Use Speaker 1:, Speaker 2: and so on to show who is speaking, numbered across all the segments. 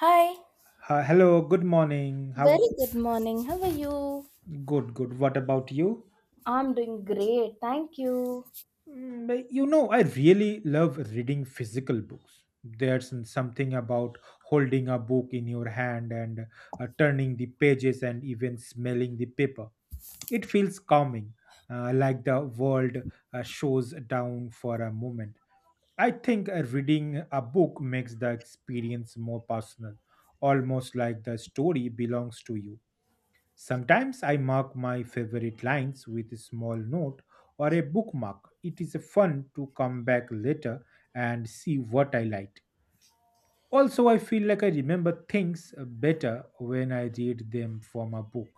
Speaker 1: Hi,
Speaker 2: Hello, good morning. How
Speaker 1: very good morning. How are you?
Speaker 2: good. What about you?
Speaker 1: I'm doing great. Thank you.
Speaker 2: I really love reading physical books. There's something about holding a book in your hand and turning the pages and even smelling the paper. It feels calming, like the world shows down for a moment. I think reading a book makes the experience more personal, almost like the story belongs to you. Sometimes I mark my favorite lines with a small note or a bookmark. It is fun to come back later and see what I liked. Also, I feel like I remember things better when I read them from a book.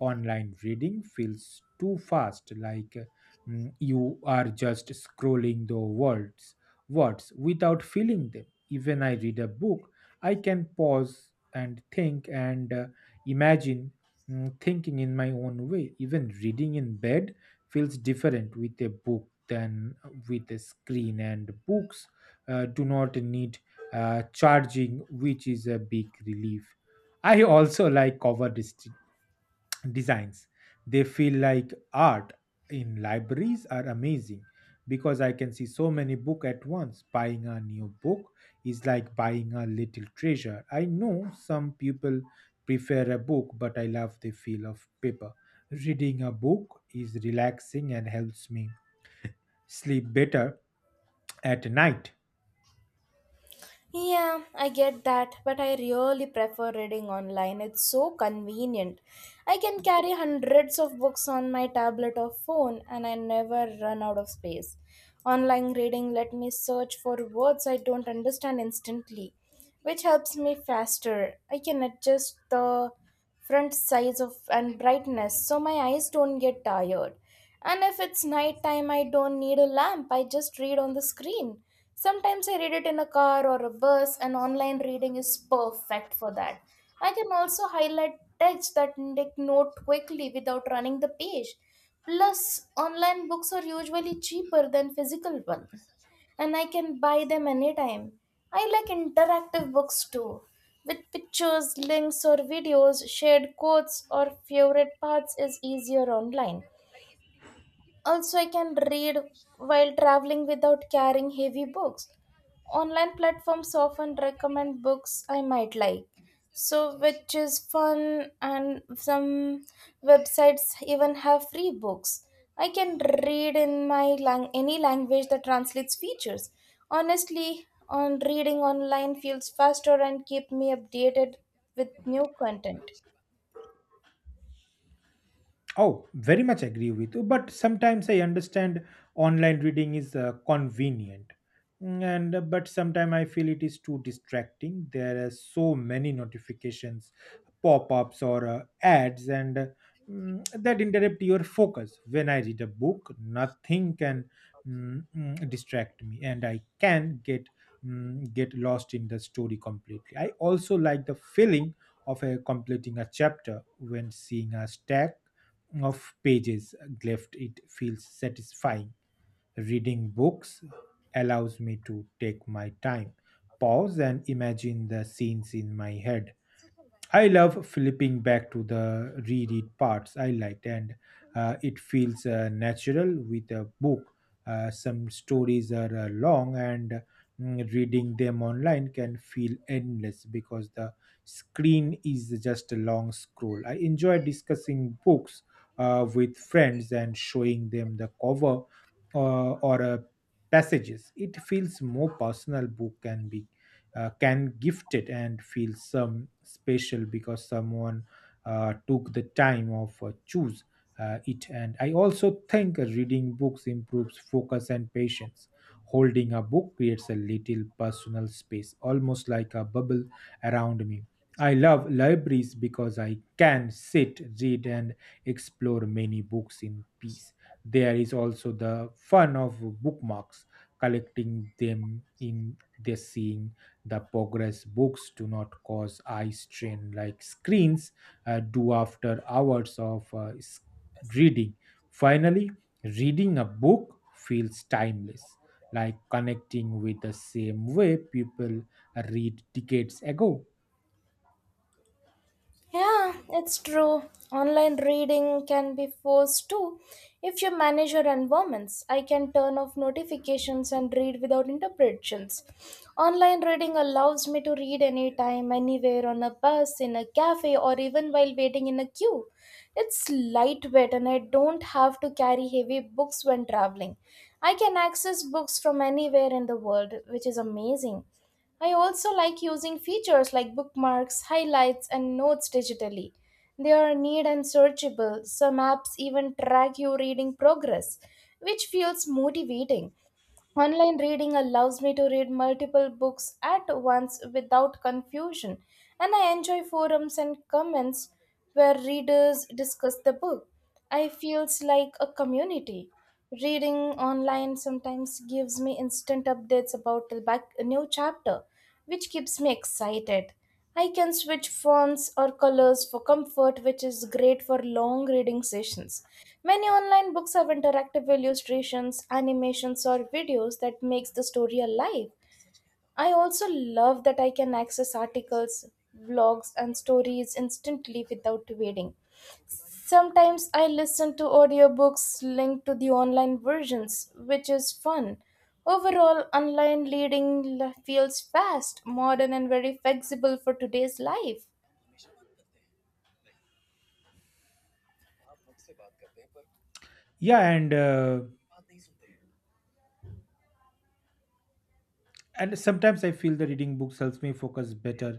Speaker 2: Online reading feels too fast, like you are just scrolling the words without feeling them. Even I read a book, I can pause and think and imagine thinking in my own way. Even reading in bed feels different with a book than with a screen, and books do not need charging, which is a big relief. I also like cover dist- designs. They feel like art in libraries are amazing because I can see so many book at once. Buying a new book is like buying a little treasure. I know some people prefer a book, but I love the feel of paper. Reading a book is relaxing and helps me sleep better at night.
Speaker 1: Yeah, I get that, but I really prefer reading online. It's so convenient. I can carry hundreds of books on my tablet or phone, and I never run out of space. Online reading let me search for words I don't understand instantly, which helps me faster. I can adjust the front size of and brightness so my eyes don't get tired, and if it's night time, I don't need a lamp. I just read on the screen. Sometimes I read it in a car or a bus, and online reading is perfect for that. I can also highlight text, that take note quickly without running the page. Plus, online books are usually cheaper than physical ones, and I can buy them anytime. I like interactive books too, with pictures, links, or videos. Shared quotes, or favorite parts is easier online. Also, I can read while traveling without carrying heavy books. Online platforms often recommend books I might like. So, which is fun, and some websites even have free books. I can read in my any language that translates features. Honestly, on reading online feels faster and keep me updated with new content.
Speaker 2: Oh, very much agree with you. But sometimes I understand online reading is convenient, Mm, and but sometimes I feel it is too distracting. There are so many notifications, pop-ups, or ads, and that interrupt your focus. When I read a book, nothing can distract me, and I can get lost in the story completely. I also like the feeling of completing a chapter when seeing a stack of pages left. It feels satisfying. Reading books allows me to take my time, pause and imagine the scenes in my head. I love flipping back to the reread parts I liked, and it feels natural with a book. Some stories are long, and reading them online can feel endless because the screen is just a long scroll. I enjoy discussing books with friends and showing them the cover or passages. It feels more personal. Book can be can gift it and feel some special because someone took the time of choose it. And I also think reading books improves focus and patience. Holding a book creates a little personal space, almost like a bubble around me. I love libraries because I can sit, read and explore many books in peace. There is also the fun of bookmarks, collecting them, in the seeing the progress. Books do not cause eye strain like screens do after hours of reading. Finally, reading a book feels timeless, like connecting with the same way people read decades ago.
Speaker 1: Yeah, it's true. Online reading can be forced too if you manage your environments. I can turn off notifications and read without interruptions. Online reading allows me to read anytime, anywhere, on a bus, in a cafe, or even while waiting in a queue. It's lightweight, and I don't have to carry heavy books when traveling. I can access books from anywhere in the world, which is amazing. I also like using features like bookmarks, highlights, and notes digitally. They are neat and searchable. Some apps even track your reading progress, which feels motivating. Online reading allows me to read multiple books at once without confusion, and I enjoy forums and comments where readers discuss the book. I feels like a community. Reading online sometimes gives me instant updates about the back, new chapter, which keeps me excited. I can switch fonts or colors for comfort, which is great for long reading sessions. Many online books have interactive illustrations, animations, or videos that makes the story alive. I also love that I can access articles, vlogs, and stories instantly without waiting. Sometimes I listen to audiobooks linked to the online versions, which is fun. Overall, online reading feels fast, modern, and very flexible for today's life.
Speaker 2: Yeah, and and sometimes I feel the reading books helps me focus better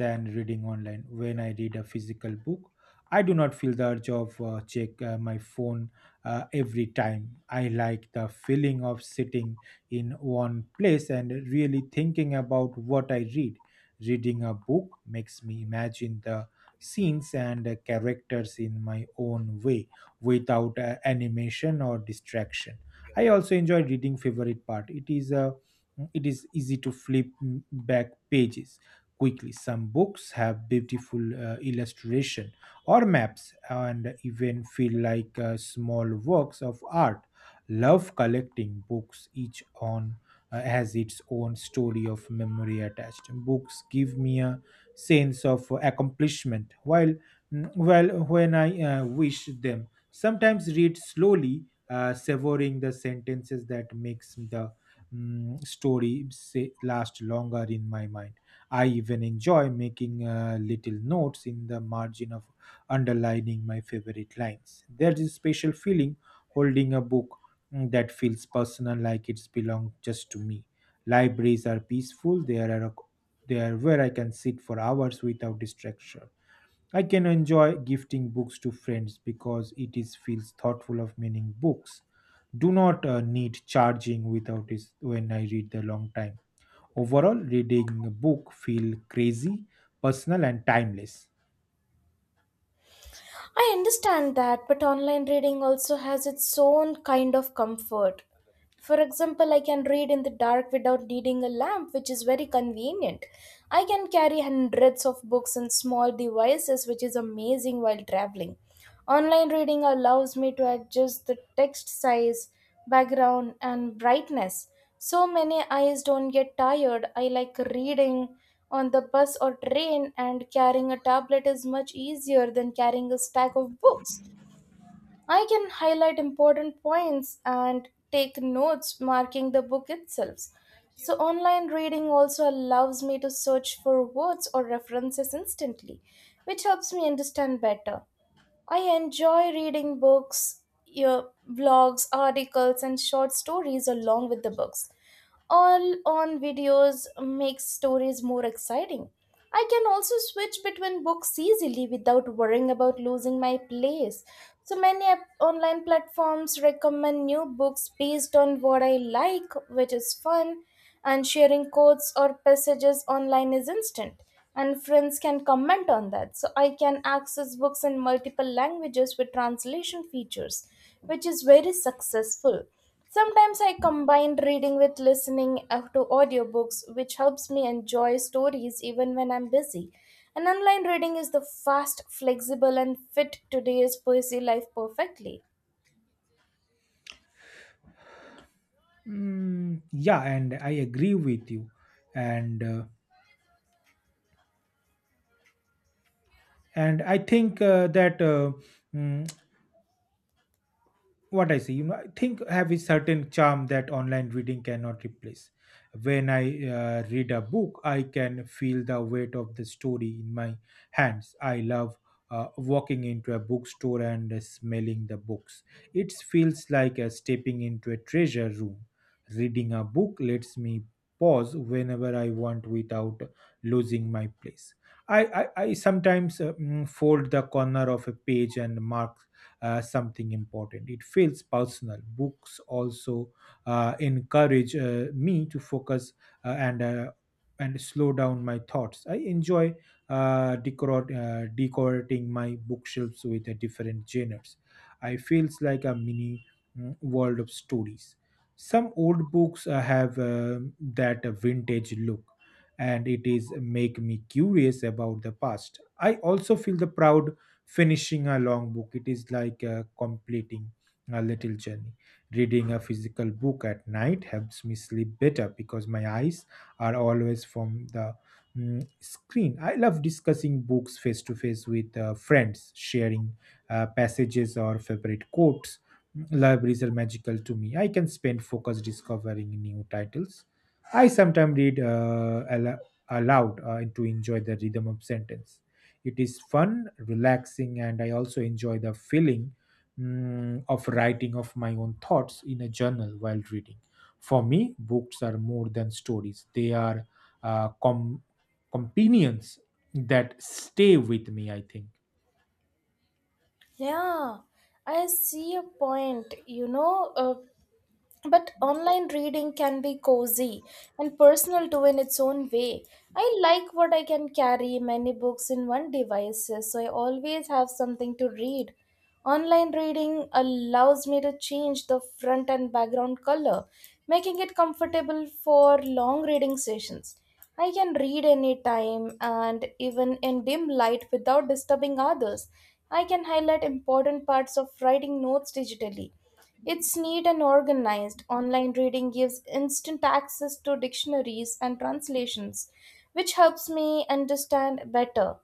Speaker 2: than reading online. When I read a physical book, I do not feel the urge of check my phone every time. I like the feeling of sitting in one place and really thinking about what I read. Reading a book makes me imagine the scenes and characters in my own way without animation or distraction. I also enjoy reading favorite part. It is easy to flip back pages quickly. Some books have beautiful illustration or maps and even feel like small works of art. Love collecting books. Each on has its own story of memory attached. Books give me a sense of accomplishment while when I wish them. Sometimes read slowly, savoring the sentences that makes the story say, last longer in my mind. I even enjoy making little notes in the margin of underlining my favorite lines. There's a special feeling holding a book that feels personal, like it's belong just to me. Libraries are peaceful. They are where I can sit for hours without distraction. I can enjoy gifting books to friends because it is feels thoughtful of meaning. Books do not need charging without is when I read the long time. Overall, reading a book feel crazy personal and timeless.
Speaker 1: I understand that, but online reading also has its own kind of comfort. For example, I can read in the dark without needing a lamp, which is very convenient. I can carry hundreds of books and small devices, which is amazing while traveling. Online reading allows me to adjust the text size, background, and brightness. So many eyes don't get tired. I like reading on the bus or train, and carrying a tablet is much easier than carrying a stack of books. I can highlight important points and take notes marking the book itself. So, online reading also allows me to search for words or references instantly, which helps me understand better. I enjoy reading books, your blogs, articles, and short stories along with the books. All on videos makes stories more exciting. I can also switch between books easily without worrying about losing my place. So many online platforms recommend new books based on what I like, which is fun, and sharing quotes or passages online is instant, and friends can comment on that. So, I can access books in multiple languages with translation features, which is very successful. Sometimes I combine reading with listening to audiobooks, which helps me enjoy stories even when I'm busy. And online reading is the fast, flexible, and fit today's poesy life perfectly.
Speaker 2: Yeah, and I agree with you. And uh, and I think mm, what I see, you know, I think have a certain charm that online reading cannot replace. When I read a book, I can feel the weight of the story in my hands. I love walking into a bookstore and smelling the books. It feels like stepping into a treasure room. Reading a book lets me pause whenever I want without losing my place. I sometimes fold the corner of a page and mark something important. It feels personal. Books also encourage me to focus uh, and uh, and slow down my thoughts. I enjoy decorating my bookshelves with different genres. I feels like a mini world of stories. Some old books have that vintage look, and it is make me curious about the past. I also feel the proud finishing a long book. It is like completing a little journey. Reading a physical book at night helps me sleep better because my eyes are always from the screen. I love discussing books face to face with friends, sharing passages or favorite quotes. Libraries are magical to me. I can spend focus discovering new titles. I sometimes read aloud to enjoy the rhythm of sentence. It is fun, relaxing, and I also enjoy the feeling of writing of my own thoughts in a journal while reading. For me, books are more than stories, they are uh, com- companions that stay with me, I think.
Speaker 1: Yeah, I see a point. You know, but online reading can be cozy and personal too in its own way. I like what I can carry many books in one device, so I always have something to read. Online reading allows me to change the front and background color, making it comfortable for long reading sessions. I can read anytime and even in dim light without disturbing others. I can highlight important parts of writing notes digitally. It's neat and organized. Online reading gives instant access to dictionaries and translations, which helps me understand better.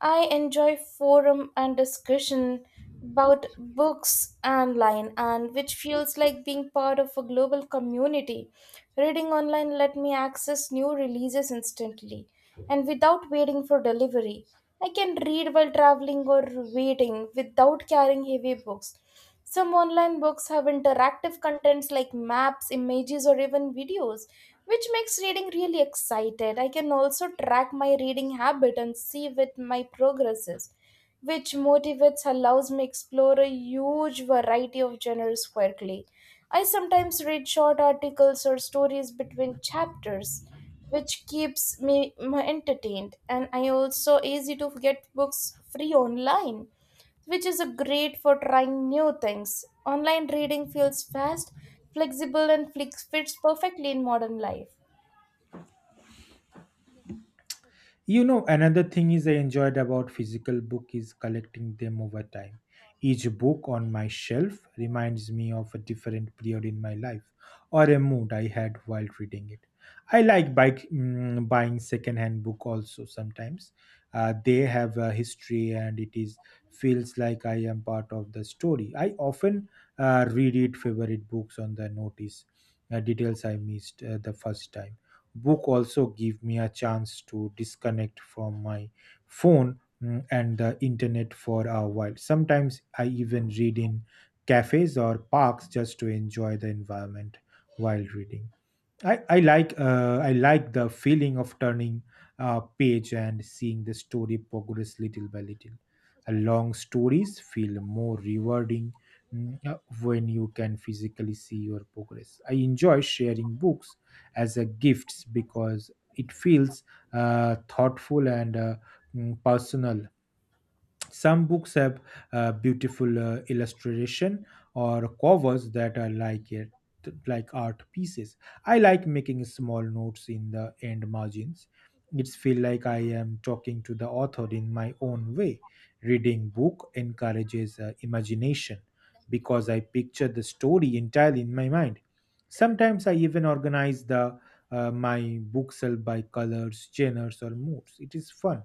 Speaker 1: I enjoy forum and discussion about books online, and which feels like being part of a global community. Reading online let me access new releases instantly and without waiting for delivery. I can read while traveling or waiting without carrying heavy books. Some online books have interactive contents like maps, images, or even videos, which makes reading really excited. I can also track my reading habit and see with my progresses, which motivates allows me explore a huge variety of genres quickly. I sometimes read short articles or stories between chapters, which keeps me entertained. And I also easy to get books free online, which is a great for trying new things. Online reading feels fast, flexible, and fits perfectly in modern life.
Speaker 2: You know, another thing is I enjoyed about physical book is collecting them over time. Each book on my shelf reminds me of a different period in my life or a mood I had while reading it. I like buying secondhand book also sometimes. They have a history and it is feels like I am part of the story. I often reread favorite books on the notice details I missed the first time. Book also give me a chance to disconnect from my phone and the internet for a while. Sometimes I even read in cafes or parks just to enjoy the environment while reading. I like I like the feeling of turning a page and seeing the story progress little by little. Long stories feel more rewarding when you can physically see your progress. I enjoy sharing books as a gifts because it feels thoughtful and personal. Some books have beautiful illustration or covers that are like it like art pieces. I like making small notes in the end margins. It's feel like I am talking to the author in my own way. Reading book encourages imagination because I picture the story entirely in my mind. Sometimes I even organize the my bookshelf by colors, genres, or moods. It is fun.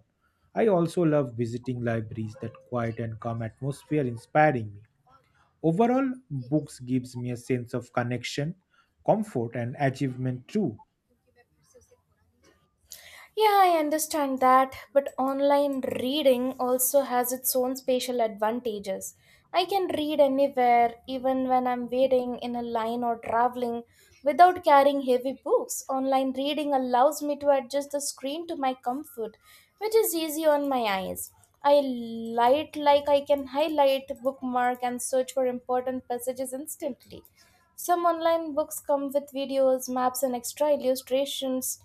Speaker 2: I also love visiting libraries that quiet and calm atmosphere inspiring me. Overall, books gives me a sense of connection, comfort and achievement too.
Speaker 1: Yeah, I understand that, but online reading also has its own special advantages. I can read anywhere, even when I'm waiting in a line or traveling, without carrying heavy books. Online reading allows me to adjust the screen to my comfort, which is easy on my eyes. I light like I can highlight, bookmark, and search for important passages instantly. Some online books come with videos, maps, and extra illustrations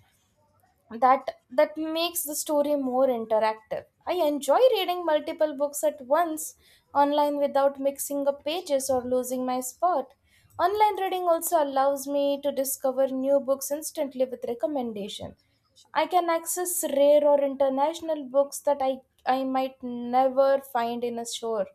Speaker 1: that makes the story more interactive. I enjoy reading multiple books at once online without mixing up pages or losing my spot. Online reading also allows me to discover new books instantly with recommendation. I can access rare or international books that I might never find in a store.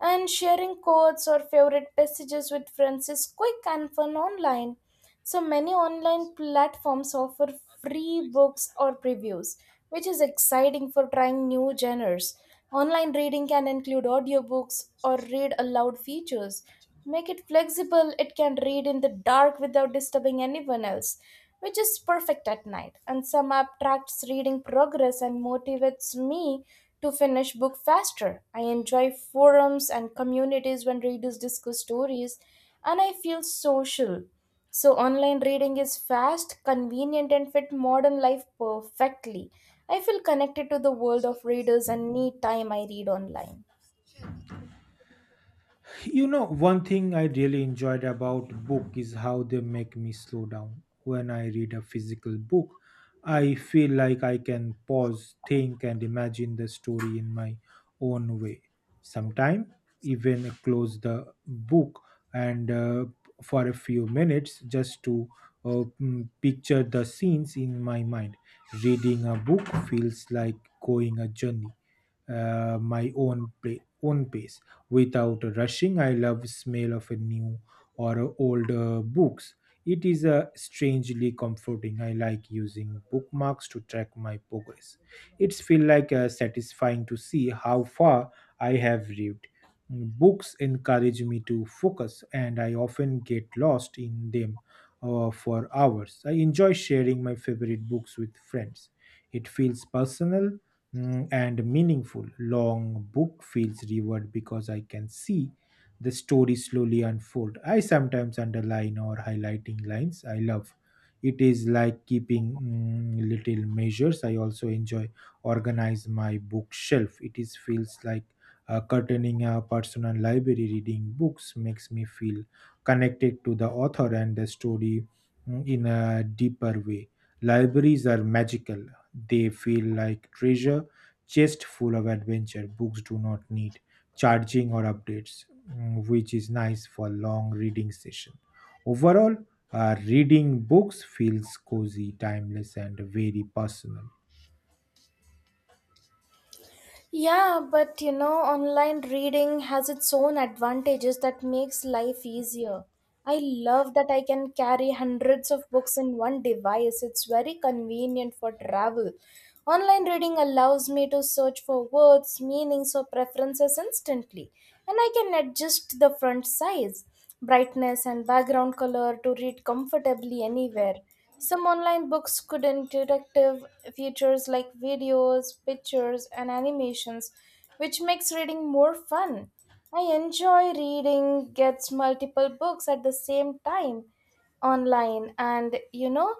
Speaker 1: And sharing quotes or favorite passages with friends is quick and fun online. So many online platforms offer free books or previews, which is exciting for trying new genres. Online reading can include audiobooks or read aloud features. Make it flexible, it can read in the dark without disturbing anyone else, which is perfect at night. And some app tracks reading progress and motivates me to finish book faster. I enjoy forums and communities when readers discuss stories, and I feel social. So, online reading is fast, convenient, and fit modern life perfectly. I feel connected to the world of readers and any time I read online.
Speaker 2: You know, one thing I really enjoyed about book is how they make me slow down. When I read a physical book, I feel like I can pause, think and imagine the story in my own way. Sometimes even close the book and for a few minutes just to picture the scenes in my mind. Reading a book feels like going a journey, own pace without rushing. I love smell of a new or a old books. It is strangely comforting. I like using bookmarks to track my progress. It's feel like satisfying to see how far I have read. Books encourage me to focus, and I often get lost in them for hours. I enjoy sharing my favorite books with friends. It feels personal and meaningful. Long book feels revered because I can see the story slowly unfold. I sometimes underline or highlighting lines I love. It is like keeping little measures. I also enjoy organize my bookshelf. It is feels like curtaining a personal library. Reading books makes me feel connected to the author and the story in a deeper way. Libraries are magical. They feel like treasure chest full of adventure. Books do not need charging or updates, which is nice for long reading session. Overall, reading books feels cozy, timeless, and very personal.
Speaker 1: Yeah, but you know, online reading has its own advantages that makes life easier. I love that I can carry hundreds of books in one device. It's very convenient for travel. Online reading allows me to search for words, meanings, or preferences instantly, and I can adjust the font size, brightness, and background color to read comfortably anywhere. Some online books could interactive features like videos, pictures, and animations, which makes reading more fun. I enjoy reading gets multiple books at the same time online, and you know,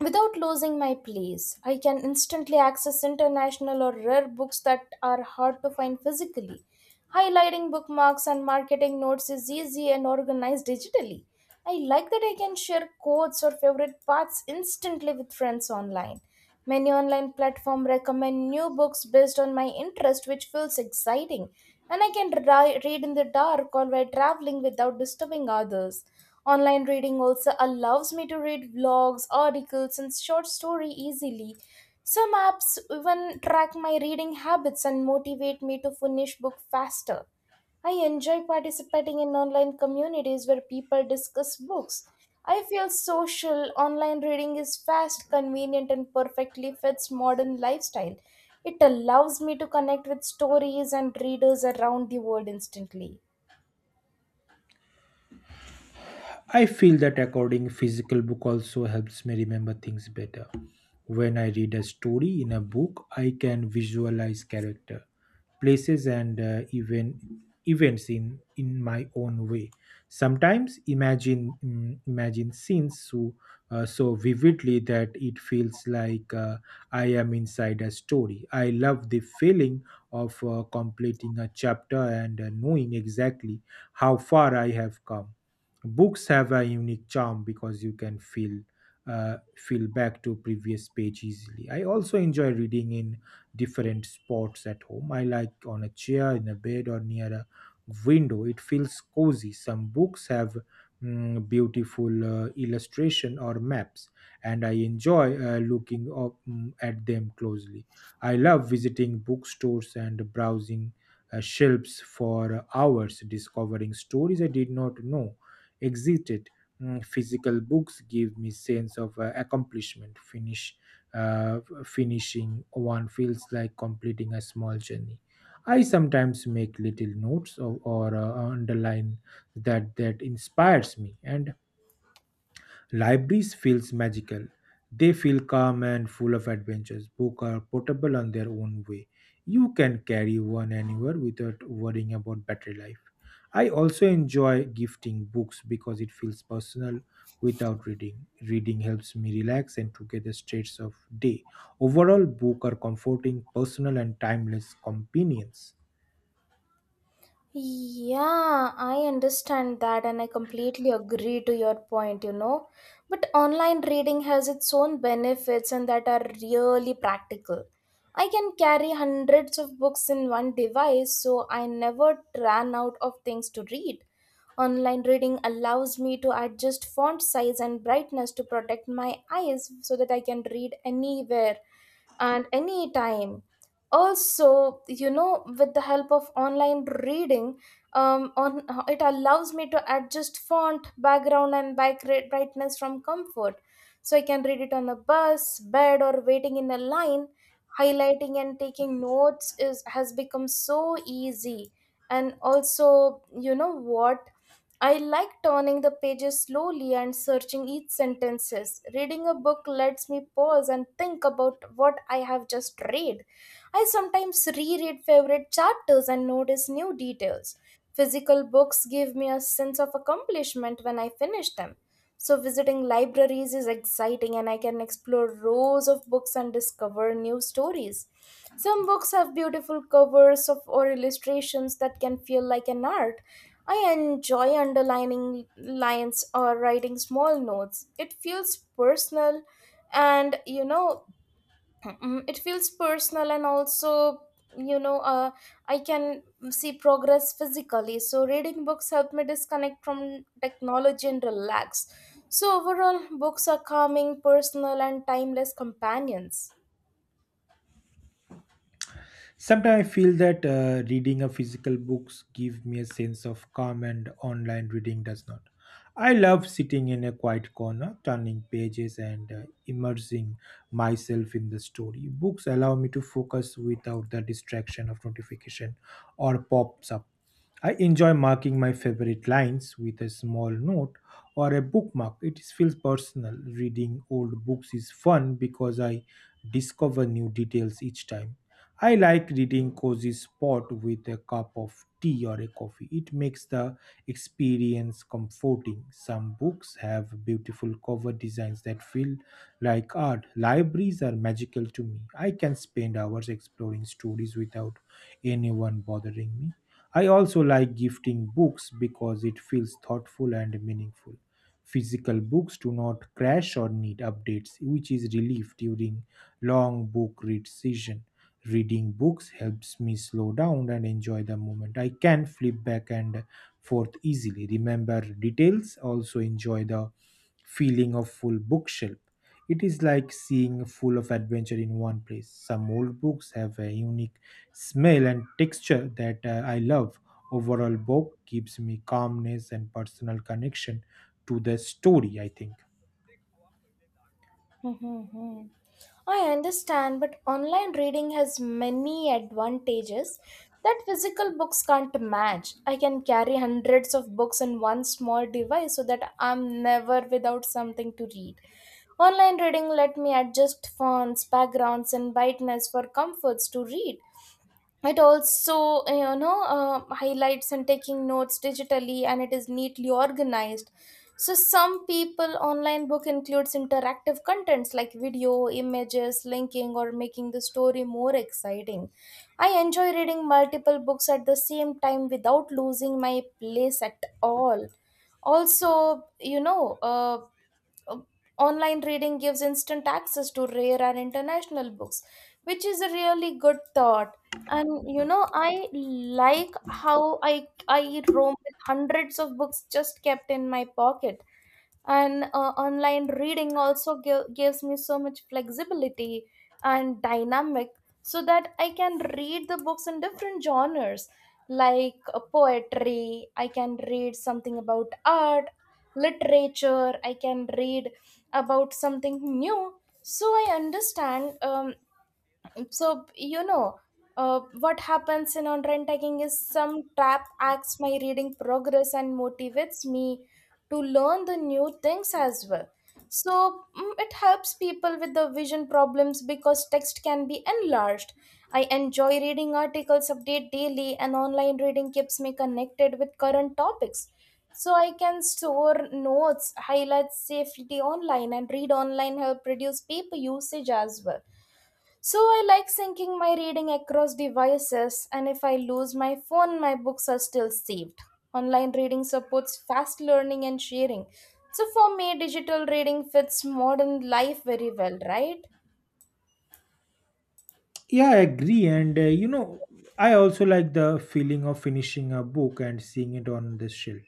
Speaker 1: without losing my place, I can instantly access international or rare books that are hard to find physically. Highlighting bookmarks and marketing notes is easy and organized digitally. I like that I can share quotes or favorite parts instantly with friends online. Many online platforms recommend new books based on my interest, which feels exciting, and I can read in the dark or while traveling without disturbing others. Online reading also allows me to read blogs, articles, and short story easily. Some apps even track my reading habits and motivate me to finish book faster. I enjoy participating in online communities where people discuss books. I feel social. Online reading is fast, convenient, and perfectly fits modern lifestyle. It allows me to connect with stories and readers around the world instantly.
Speaker 2: I feel that according physical book also helps me remember things better. When I read a story in a book, I can visualize character, places, and even events in my own way. Sometimes imagine imagine scenes so vividly that it feels like I am inside a story. I love the feeling of completing a chapter and knowing exactly how far I have come. Books have a unique charm because you can feel back to previous page easily. I also enjoy reading in different spots at home. I like on a chair, in a bed, or near a window. It feels cozy. Some books have beautiful illustration or maps, and I enjoy looking up at them closely. I love visiting bookstores and browsing shelves for hours, discovering stories I did not know exited. Physical books give me sense of accomplishment. Finishing one feels like completing a small journey. I sometimes make little notes or underline that inspires me, and libraries feels magical. They feel calm and full of adventures. Books are portable on their own way. You can carry one anywhere without worrying about battery life. I also enjoy gifting books because it feels personal without reading. Reading helps me relax and to get the states of day. Overall, books are comforting, personal, and timeless companions.
Speaker 1: Yeah, I understand that, and I completely agree to your point, you know. But online reading has its own benefits and that are really practical. I can carry hundreds of books in one device, so I never ran out of things to read. Online reading allows me to adjust font size and brightness to protect my eyes, so that I can read anywhere and anytime. Also, you know, with the help of online reading, on it allows me to adjust font background and back rate brightness from comfort, so I can read it on a bus, bed, or waiting in a line. Highlighting and taking notes is has become so easy. And also, you know what, I like turning the pages slowly and searching each sentences. Reading a book lets me pause and think about what I have just read. I sometimes reread favorite chapters and notice new details. Physical books give me a sense of accomplishment when I finish them. So, visiting libraries is exciting, and I can explore rows of books and discover new stories. Some books have beautiful covers of, or illustrations that can feel like an art. I enjoy underlining lines or writing small notes. It feels personal and you know Mm, it feels personal and also you know uh, I can see progress physically, so reading books help me disconnect from technology and relax. So overall, books are calming, personal, and timeless companions.
Speaker 2: Sometimes I feel that reading a physical books give me a sense of calm, and online reading does not. I love sitting in a quiet corner, turning pages, and immersing myself in the story. Books allow me to focus without the distraction of notification or pops up. I enjoy marking my favorite lines with a small note or a bookmark. It feels personal. Reading old books is fun because I discover new details each time. I like reading cozy spot with a cup of tea or a coffee. It makes the experience comforting. Some books have beautiful cover designs that feel like art. Libraries are magical to me. I can spend hours exploring stories without anyone bothering me. I also like gifting books because it feels thoughtful and meaningful. Physical books do not crash or need updates, which is relief during long book read season. Reading books helps me slow down and enjoy the moment. I can flip back and forth easily, remember details, also enjoy the feeling of full bookshelf. It is like seeing full of adventure in one place. Some old books have a unique smell and texture that I love. Overall, book gives me calmness and personal connection to the story, I think.
Speaker 1: Mhm. I understand, but online reading has many advantages that physical books can't match. I can carry hundreds of books in one small device so that I'm never without something to read. Online reading let me adjust fonts, backgrounds, and brightness for comforts to read. It also, highlights and taking notes digitally, and it is neatly organized. So some people online book includes interactive contents like video images linking or making the story more exciting. I enjoy reading multiple books at the same time without losing my place at all. Also you know uh, Online reading gives instant access to rare and international books, which is a really good thought. And you know, I like how I roam with hundreds of books just kept in my pocket. And online reading also gives me so much flexibility and dynamic, so that I can read the books in different genres, like poetry. I can read something about art, literature. I can read about something new. So I understand. So you know what happens in on rent taking is some trap acts my reading progress and motivates me to learn the new things as well. So it helps people with the vision problems because text can be enlarged. I enjoy reading articles update daily, and online reading keeps me connected with current topics. So I can store notes highlight safely online, and read online help reduce paper usage as well. So I like syncing my reading across devices, and if I lose my phone, my books are still saved. Online reading supports fast learning and sharing. So for me, digital reading fits modern life very well, right?
Speaker 2: Yeah, I agree. And you know, I also like the feeling of finishing a book and seeing it on the shelf.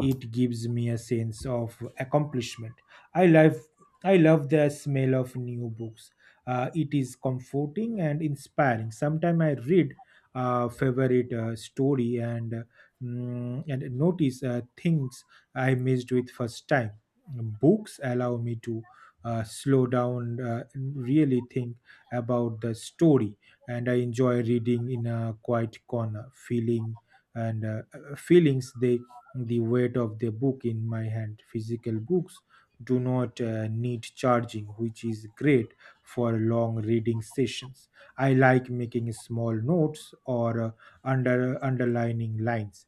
Speaker 2: It gives me a sense of accomplishment. I love, I love the smell of new books. It is comforting and inspiring. Sometimes I read a favorite story and and notice things I missed with first time. Books allow me to slow down, and really think about the story, and I enjoy reading in a quiet corner feeling and feelings. The weight of the book in my hand. Physical books do not need charging, which is great for long reading sessions. I like making small notes or underlining lines,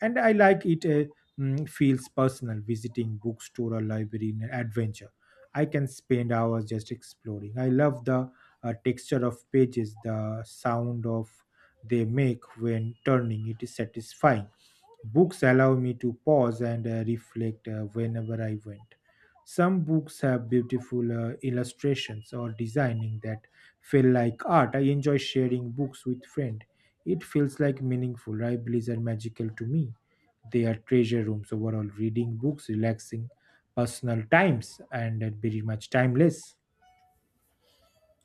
Speaker 2: and I like it. Uh, mm, feels personal. Visiting bookstore or library in an adventure, I can spend hours just exploring. I love the texture of pages, the sound of they make when turning. It is satisfying. Books allow me to pause and reflect whenever I want. Some books have beautiful illustrations or designing that feel like art. I enjoy sharing books with friends. It feels like meaningful. Libraries are magical to me. They are treasure rooms overall. Reading books, relaxing personal times, and very much timeless.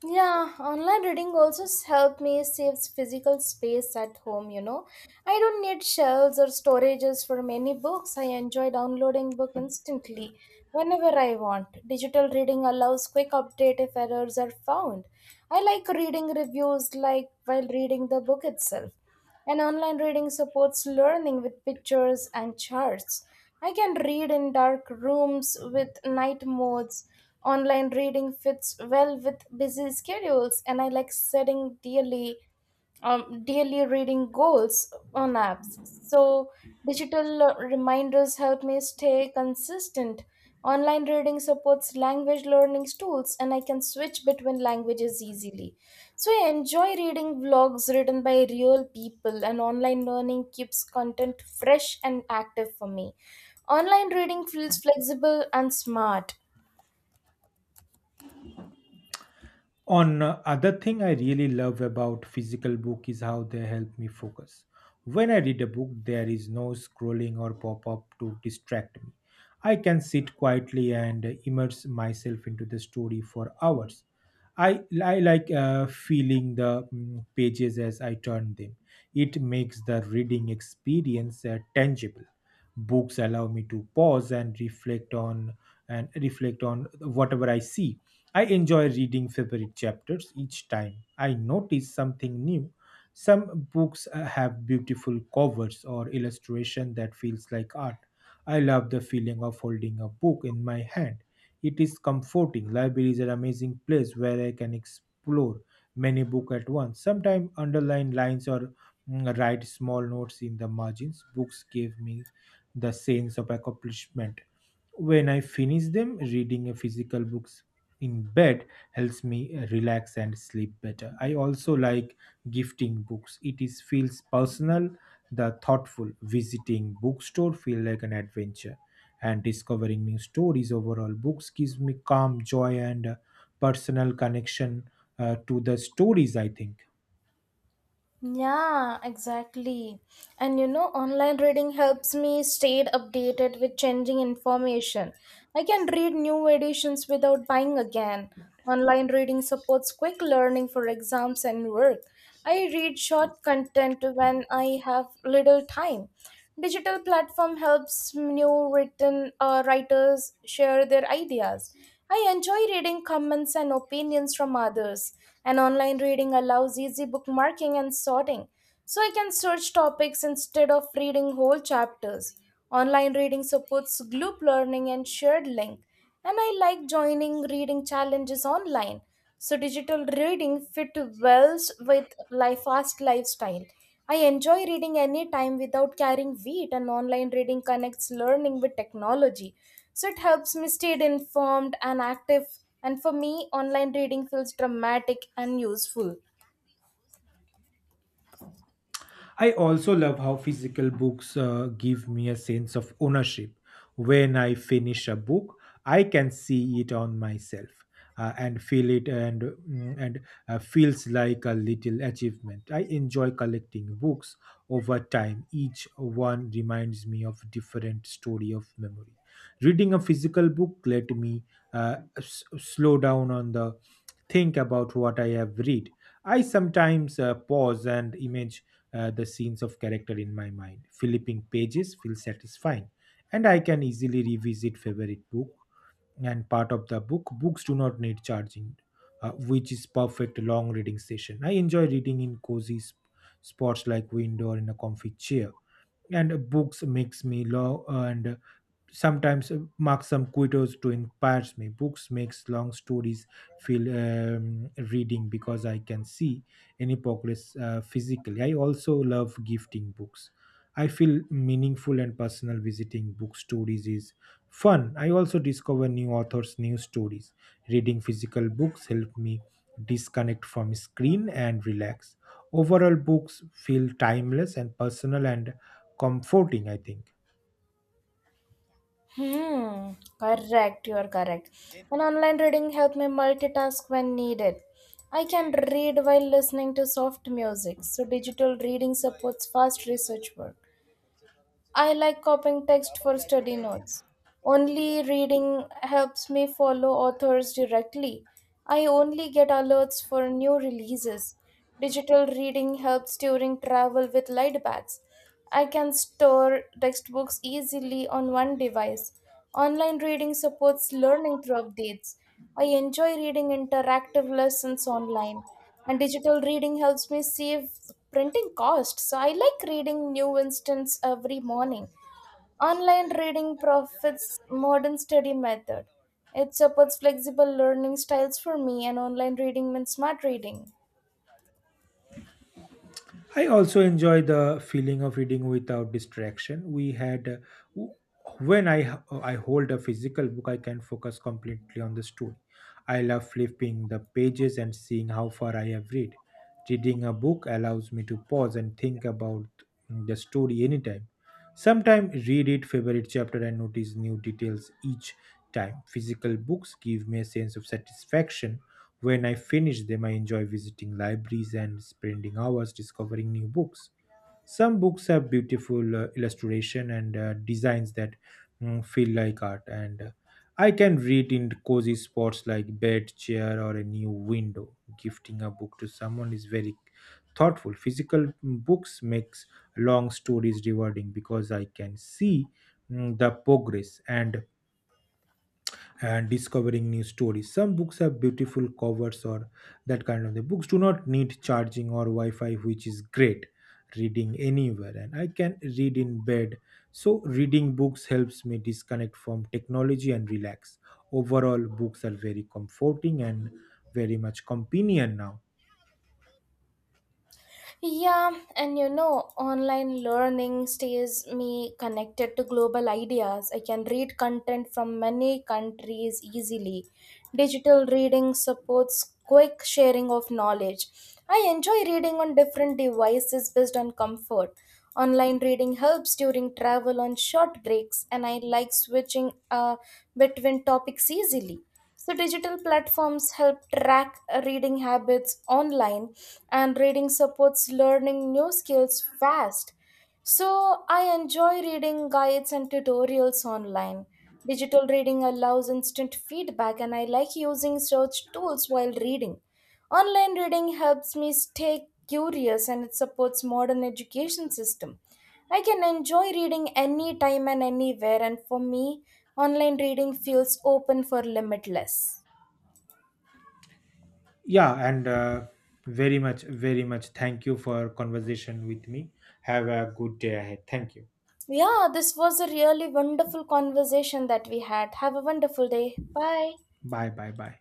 Speaker 1: Yeah, online reading also help me saves physical space at home, you know. I don't need shelves or storages for many books. I enjoy downloading book instantly whenever I want. Digital reading allows quick update if errors are found. I like reading reviews like while reading the book itself. And online reading supports learning with pictures and charts. I can read in dark rooms with night modes. Online reading fits well with busy schedules, and I like studying daily daily reading goals on apps. So, digital reminders help me stay consistent. Online reading supports language learning tools, and I can switch between languages easily. So, I enjoy reading vlogs written by real people, and online learning keeps content fresh and active for me. Online reading feels flexible and smart.
Speaker 2: On other thing I really love about physical book is how they help me focus. When I read a book, there is no scrolling or pop up to distract me. I can sit quietly and immerse myself into the story for hours. I like feeling the pages as I turn them. It makes the reading experience tangible. Books allow me to pause and reflect on whatever I see. I enjoy reading favorite chapters each time. I notice something new. Some books have beautiful covers or illustration that feels like art. I love the feeling of holding a book in my hand. It is comforting. Library is an amazing place where I can explore many books at once. Sometimes underline lines or write small notes in the margins. Books give me the sense of accomplishment. When I finish them, reading a physical books in bed helps me relax and sleep better. I also like gifting books. It is feels personal, the thoughtful. Visiting bookstore feel like an adventure and discovering new stories. Overall, books gives me calm joy and personal connection to the stories, I think.
Speaker 1: Yeah, exactly. And you know, online reading helps me stay updated with changing information. I can read new editions without buying again. Online reading supports quick learning for exams and work. I read short content when I have little time. Digital platform helps new written writers share their ideas. I enjoy reading comments and opinions from others, and online reading allows easy bookmarking and sorting, so I can search topics instead of reading whole chapters. Online reading supports group learning and shared link, and I like joining reading challenges online, so digital reading fit well with life fast lifestyle. I enjoy reading anytime without carrying weight, and online reading connects learning with technology. So it helps me stay informed and active. And for me, online reading feels dramatic and useful.
Speaker 2: I also love how physical books give me a sense of ownership. When I finish a book, I can see it on myself and feel it, and feels like a little achievement. I enjoy collecting books over time. Each one reminds me of different story of memory. Reading a physical book let me slow down on the think about what I have read. I sometimes pause and imagine the scenes of character in my mind. Flipping pages feels satisfying, and I can easily revisit favorite book and part of the book. Books do not need charging, which is perfect long reading session. I enjoy reading in cozy spots like window or in a comfy chair. And books makes me love, and sometimes mark some quotes to inspires me. Books makes long stories feel reading because I can see any progress physically. I also love gifting books. I feel meaningful and personal. Visiting bookstores is fun. I also discover new authors, new stories. Reading physical books help me disconnect from screen and relax. Overall, books feel timeless and personal and comforting, I think.
Speaker 1: Hmm, correct, you are correct. And online reading helps me multitask when needed. I can read while listening to soft music, so digital reading supports fast research work. I like copying text for study notes. Only reading helps me follow authors directly. I only get alerts for new releases. Digital reading helps during travel with light bags. I can store textbooks easily on one device. Online reading supports learning through updates. I enjoy reading interactive lessons online, and digital reading helps me save printing costs. So I like reading new instance every morning. Online reading profits modern study method. It supports flexible learning styles for me, and online reading means smart reading.
Speaker 2: I also enjoy the feeling of reading without distraction. W- when I hold a physical book, I can focus completely on the story. I love flipping the pages and seeing how far I have read. Reading a book allows me to pause and think about the story anytime. Sometimes read it favorite chapter and notice new details each time. Physical books give me a sense of satisfaction when I finish them. I enjoy visiting libraries and spending hours discovering new books. Some books have beautiful illustration and designs that feel like art, and I can read in cozy spots like bed, chair, or a new window. Gifting a book to someone is very thoughtful. Physical books makes long stories rewarding because I can see the progress and discovering new stories. Some books have beautiful covers or that kind of thing. Books do not need charging or Wi Fi, which is great. Reading anywhere, and I can read in bed. So, reading books helps me disconnect from technology and relax. Overall, books are very comforting and very much companion now.
Speaker 1: Yeah, and you know, online learning stays me connected to global ideas. I can read content from many countries easily. Digital reading supports quick sharing of knowledge. I enjoy reading on different devices based on comfort. Online reading helps during travel on short breaks, and I like switching between topics easily. So, digital platforms help track reading habits online, and reading supports learning new skills fast. So, I enjoy reading guides and tutorials online. Digital reading allows instant feedback, and I like using search tools while reading. Online reading helps me stay curious, and it supports modern education system. I can enjoy reading anytime and anywhere, and for me, online reading feels open for limitless.
Speaker 2: Yeah, and very much, very much thank you for conversation with me. Have a good day ahead. Thank you.
Speaker 1: Yeah, this was a really wonderful conversation that we had. Have a wonderful day. Bye.
Speaker 2: Bye, bye, bye.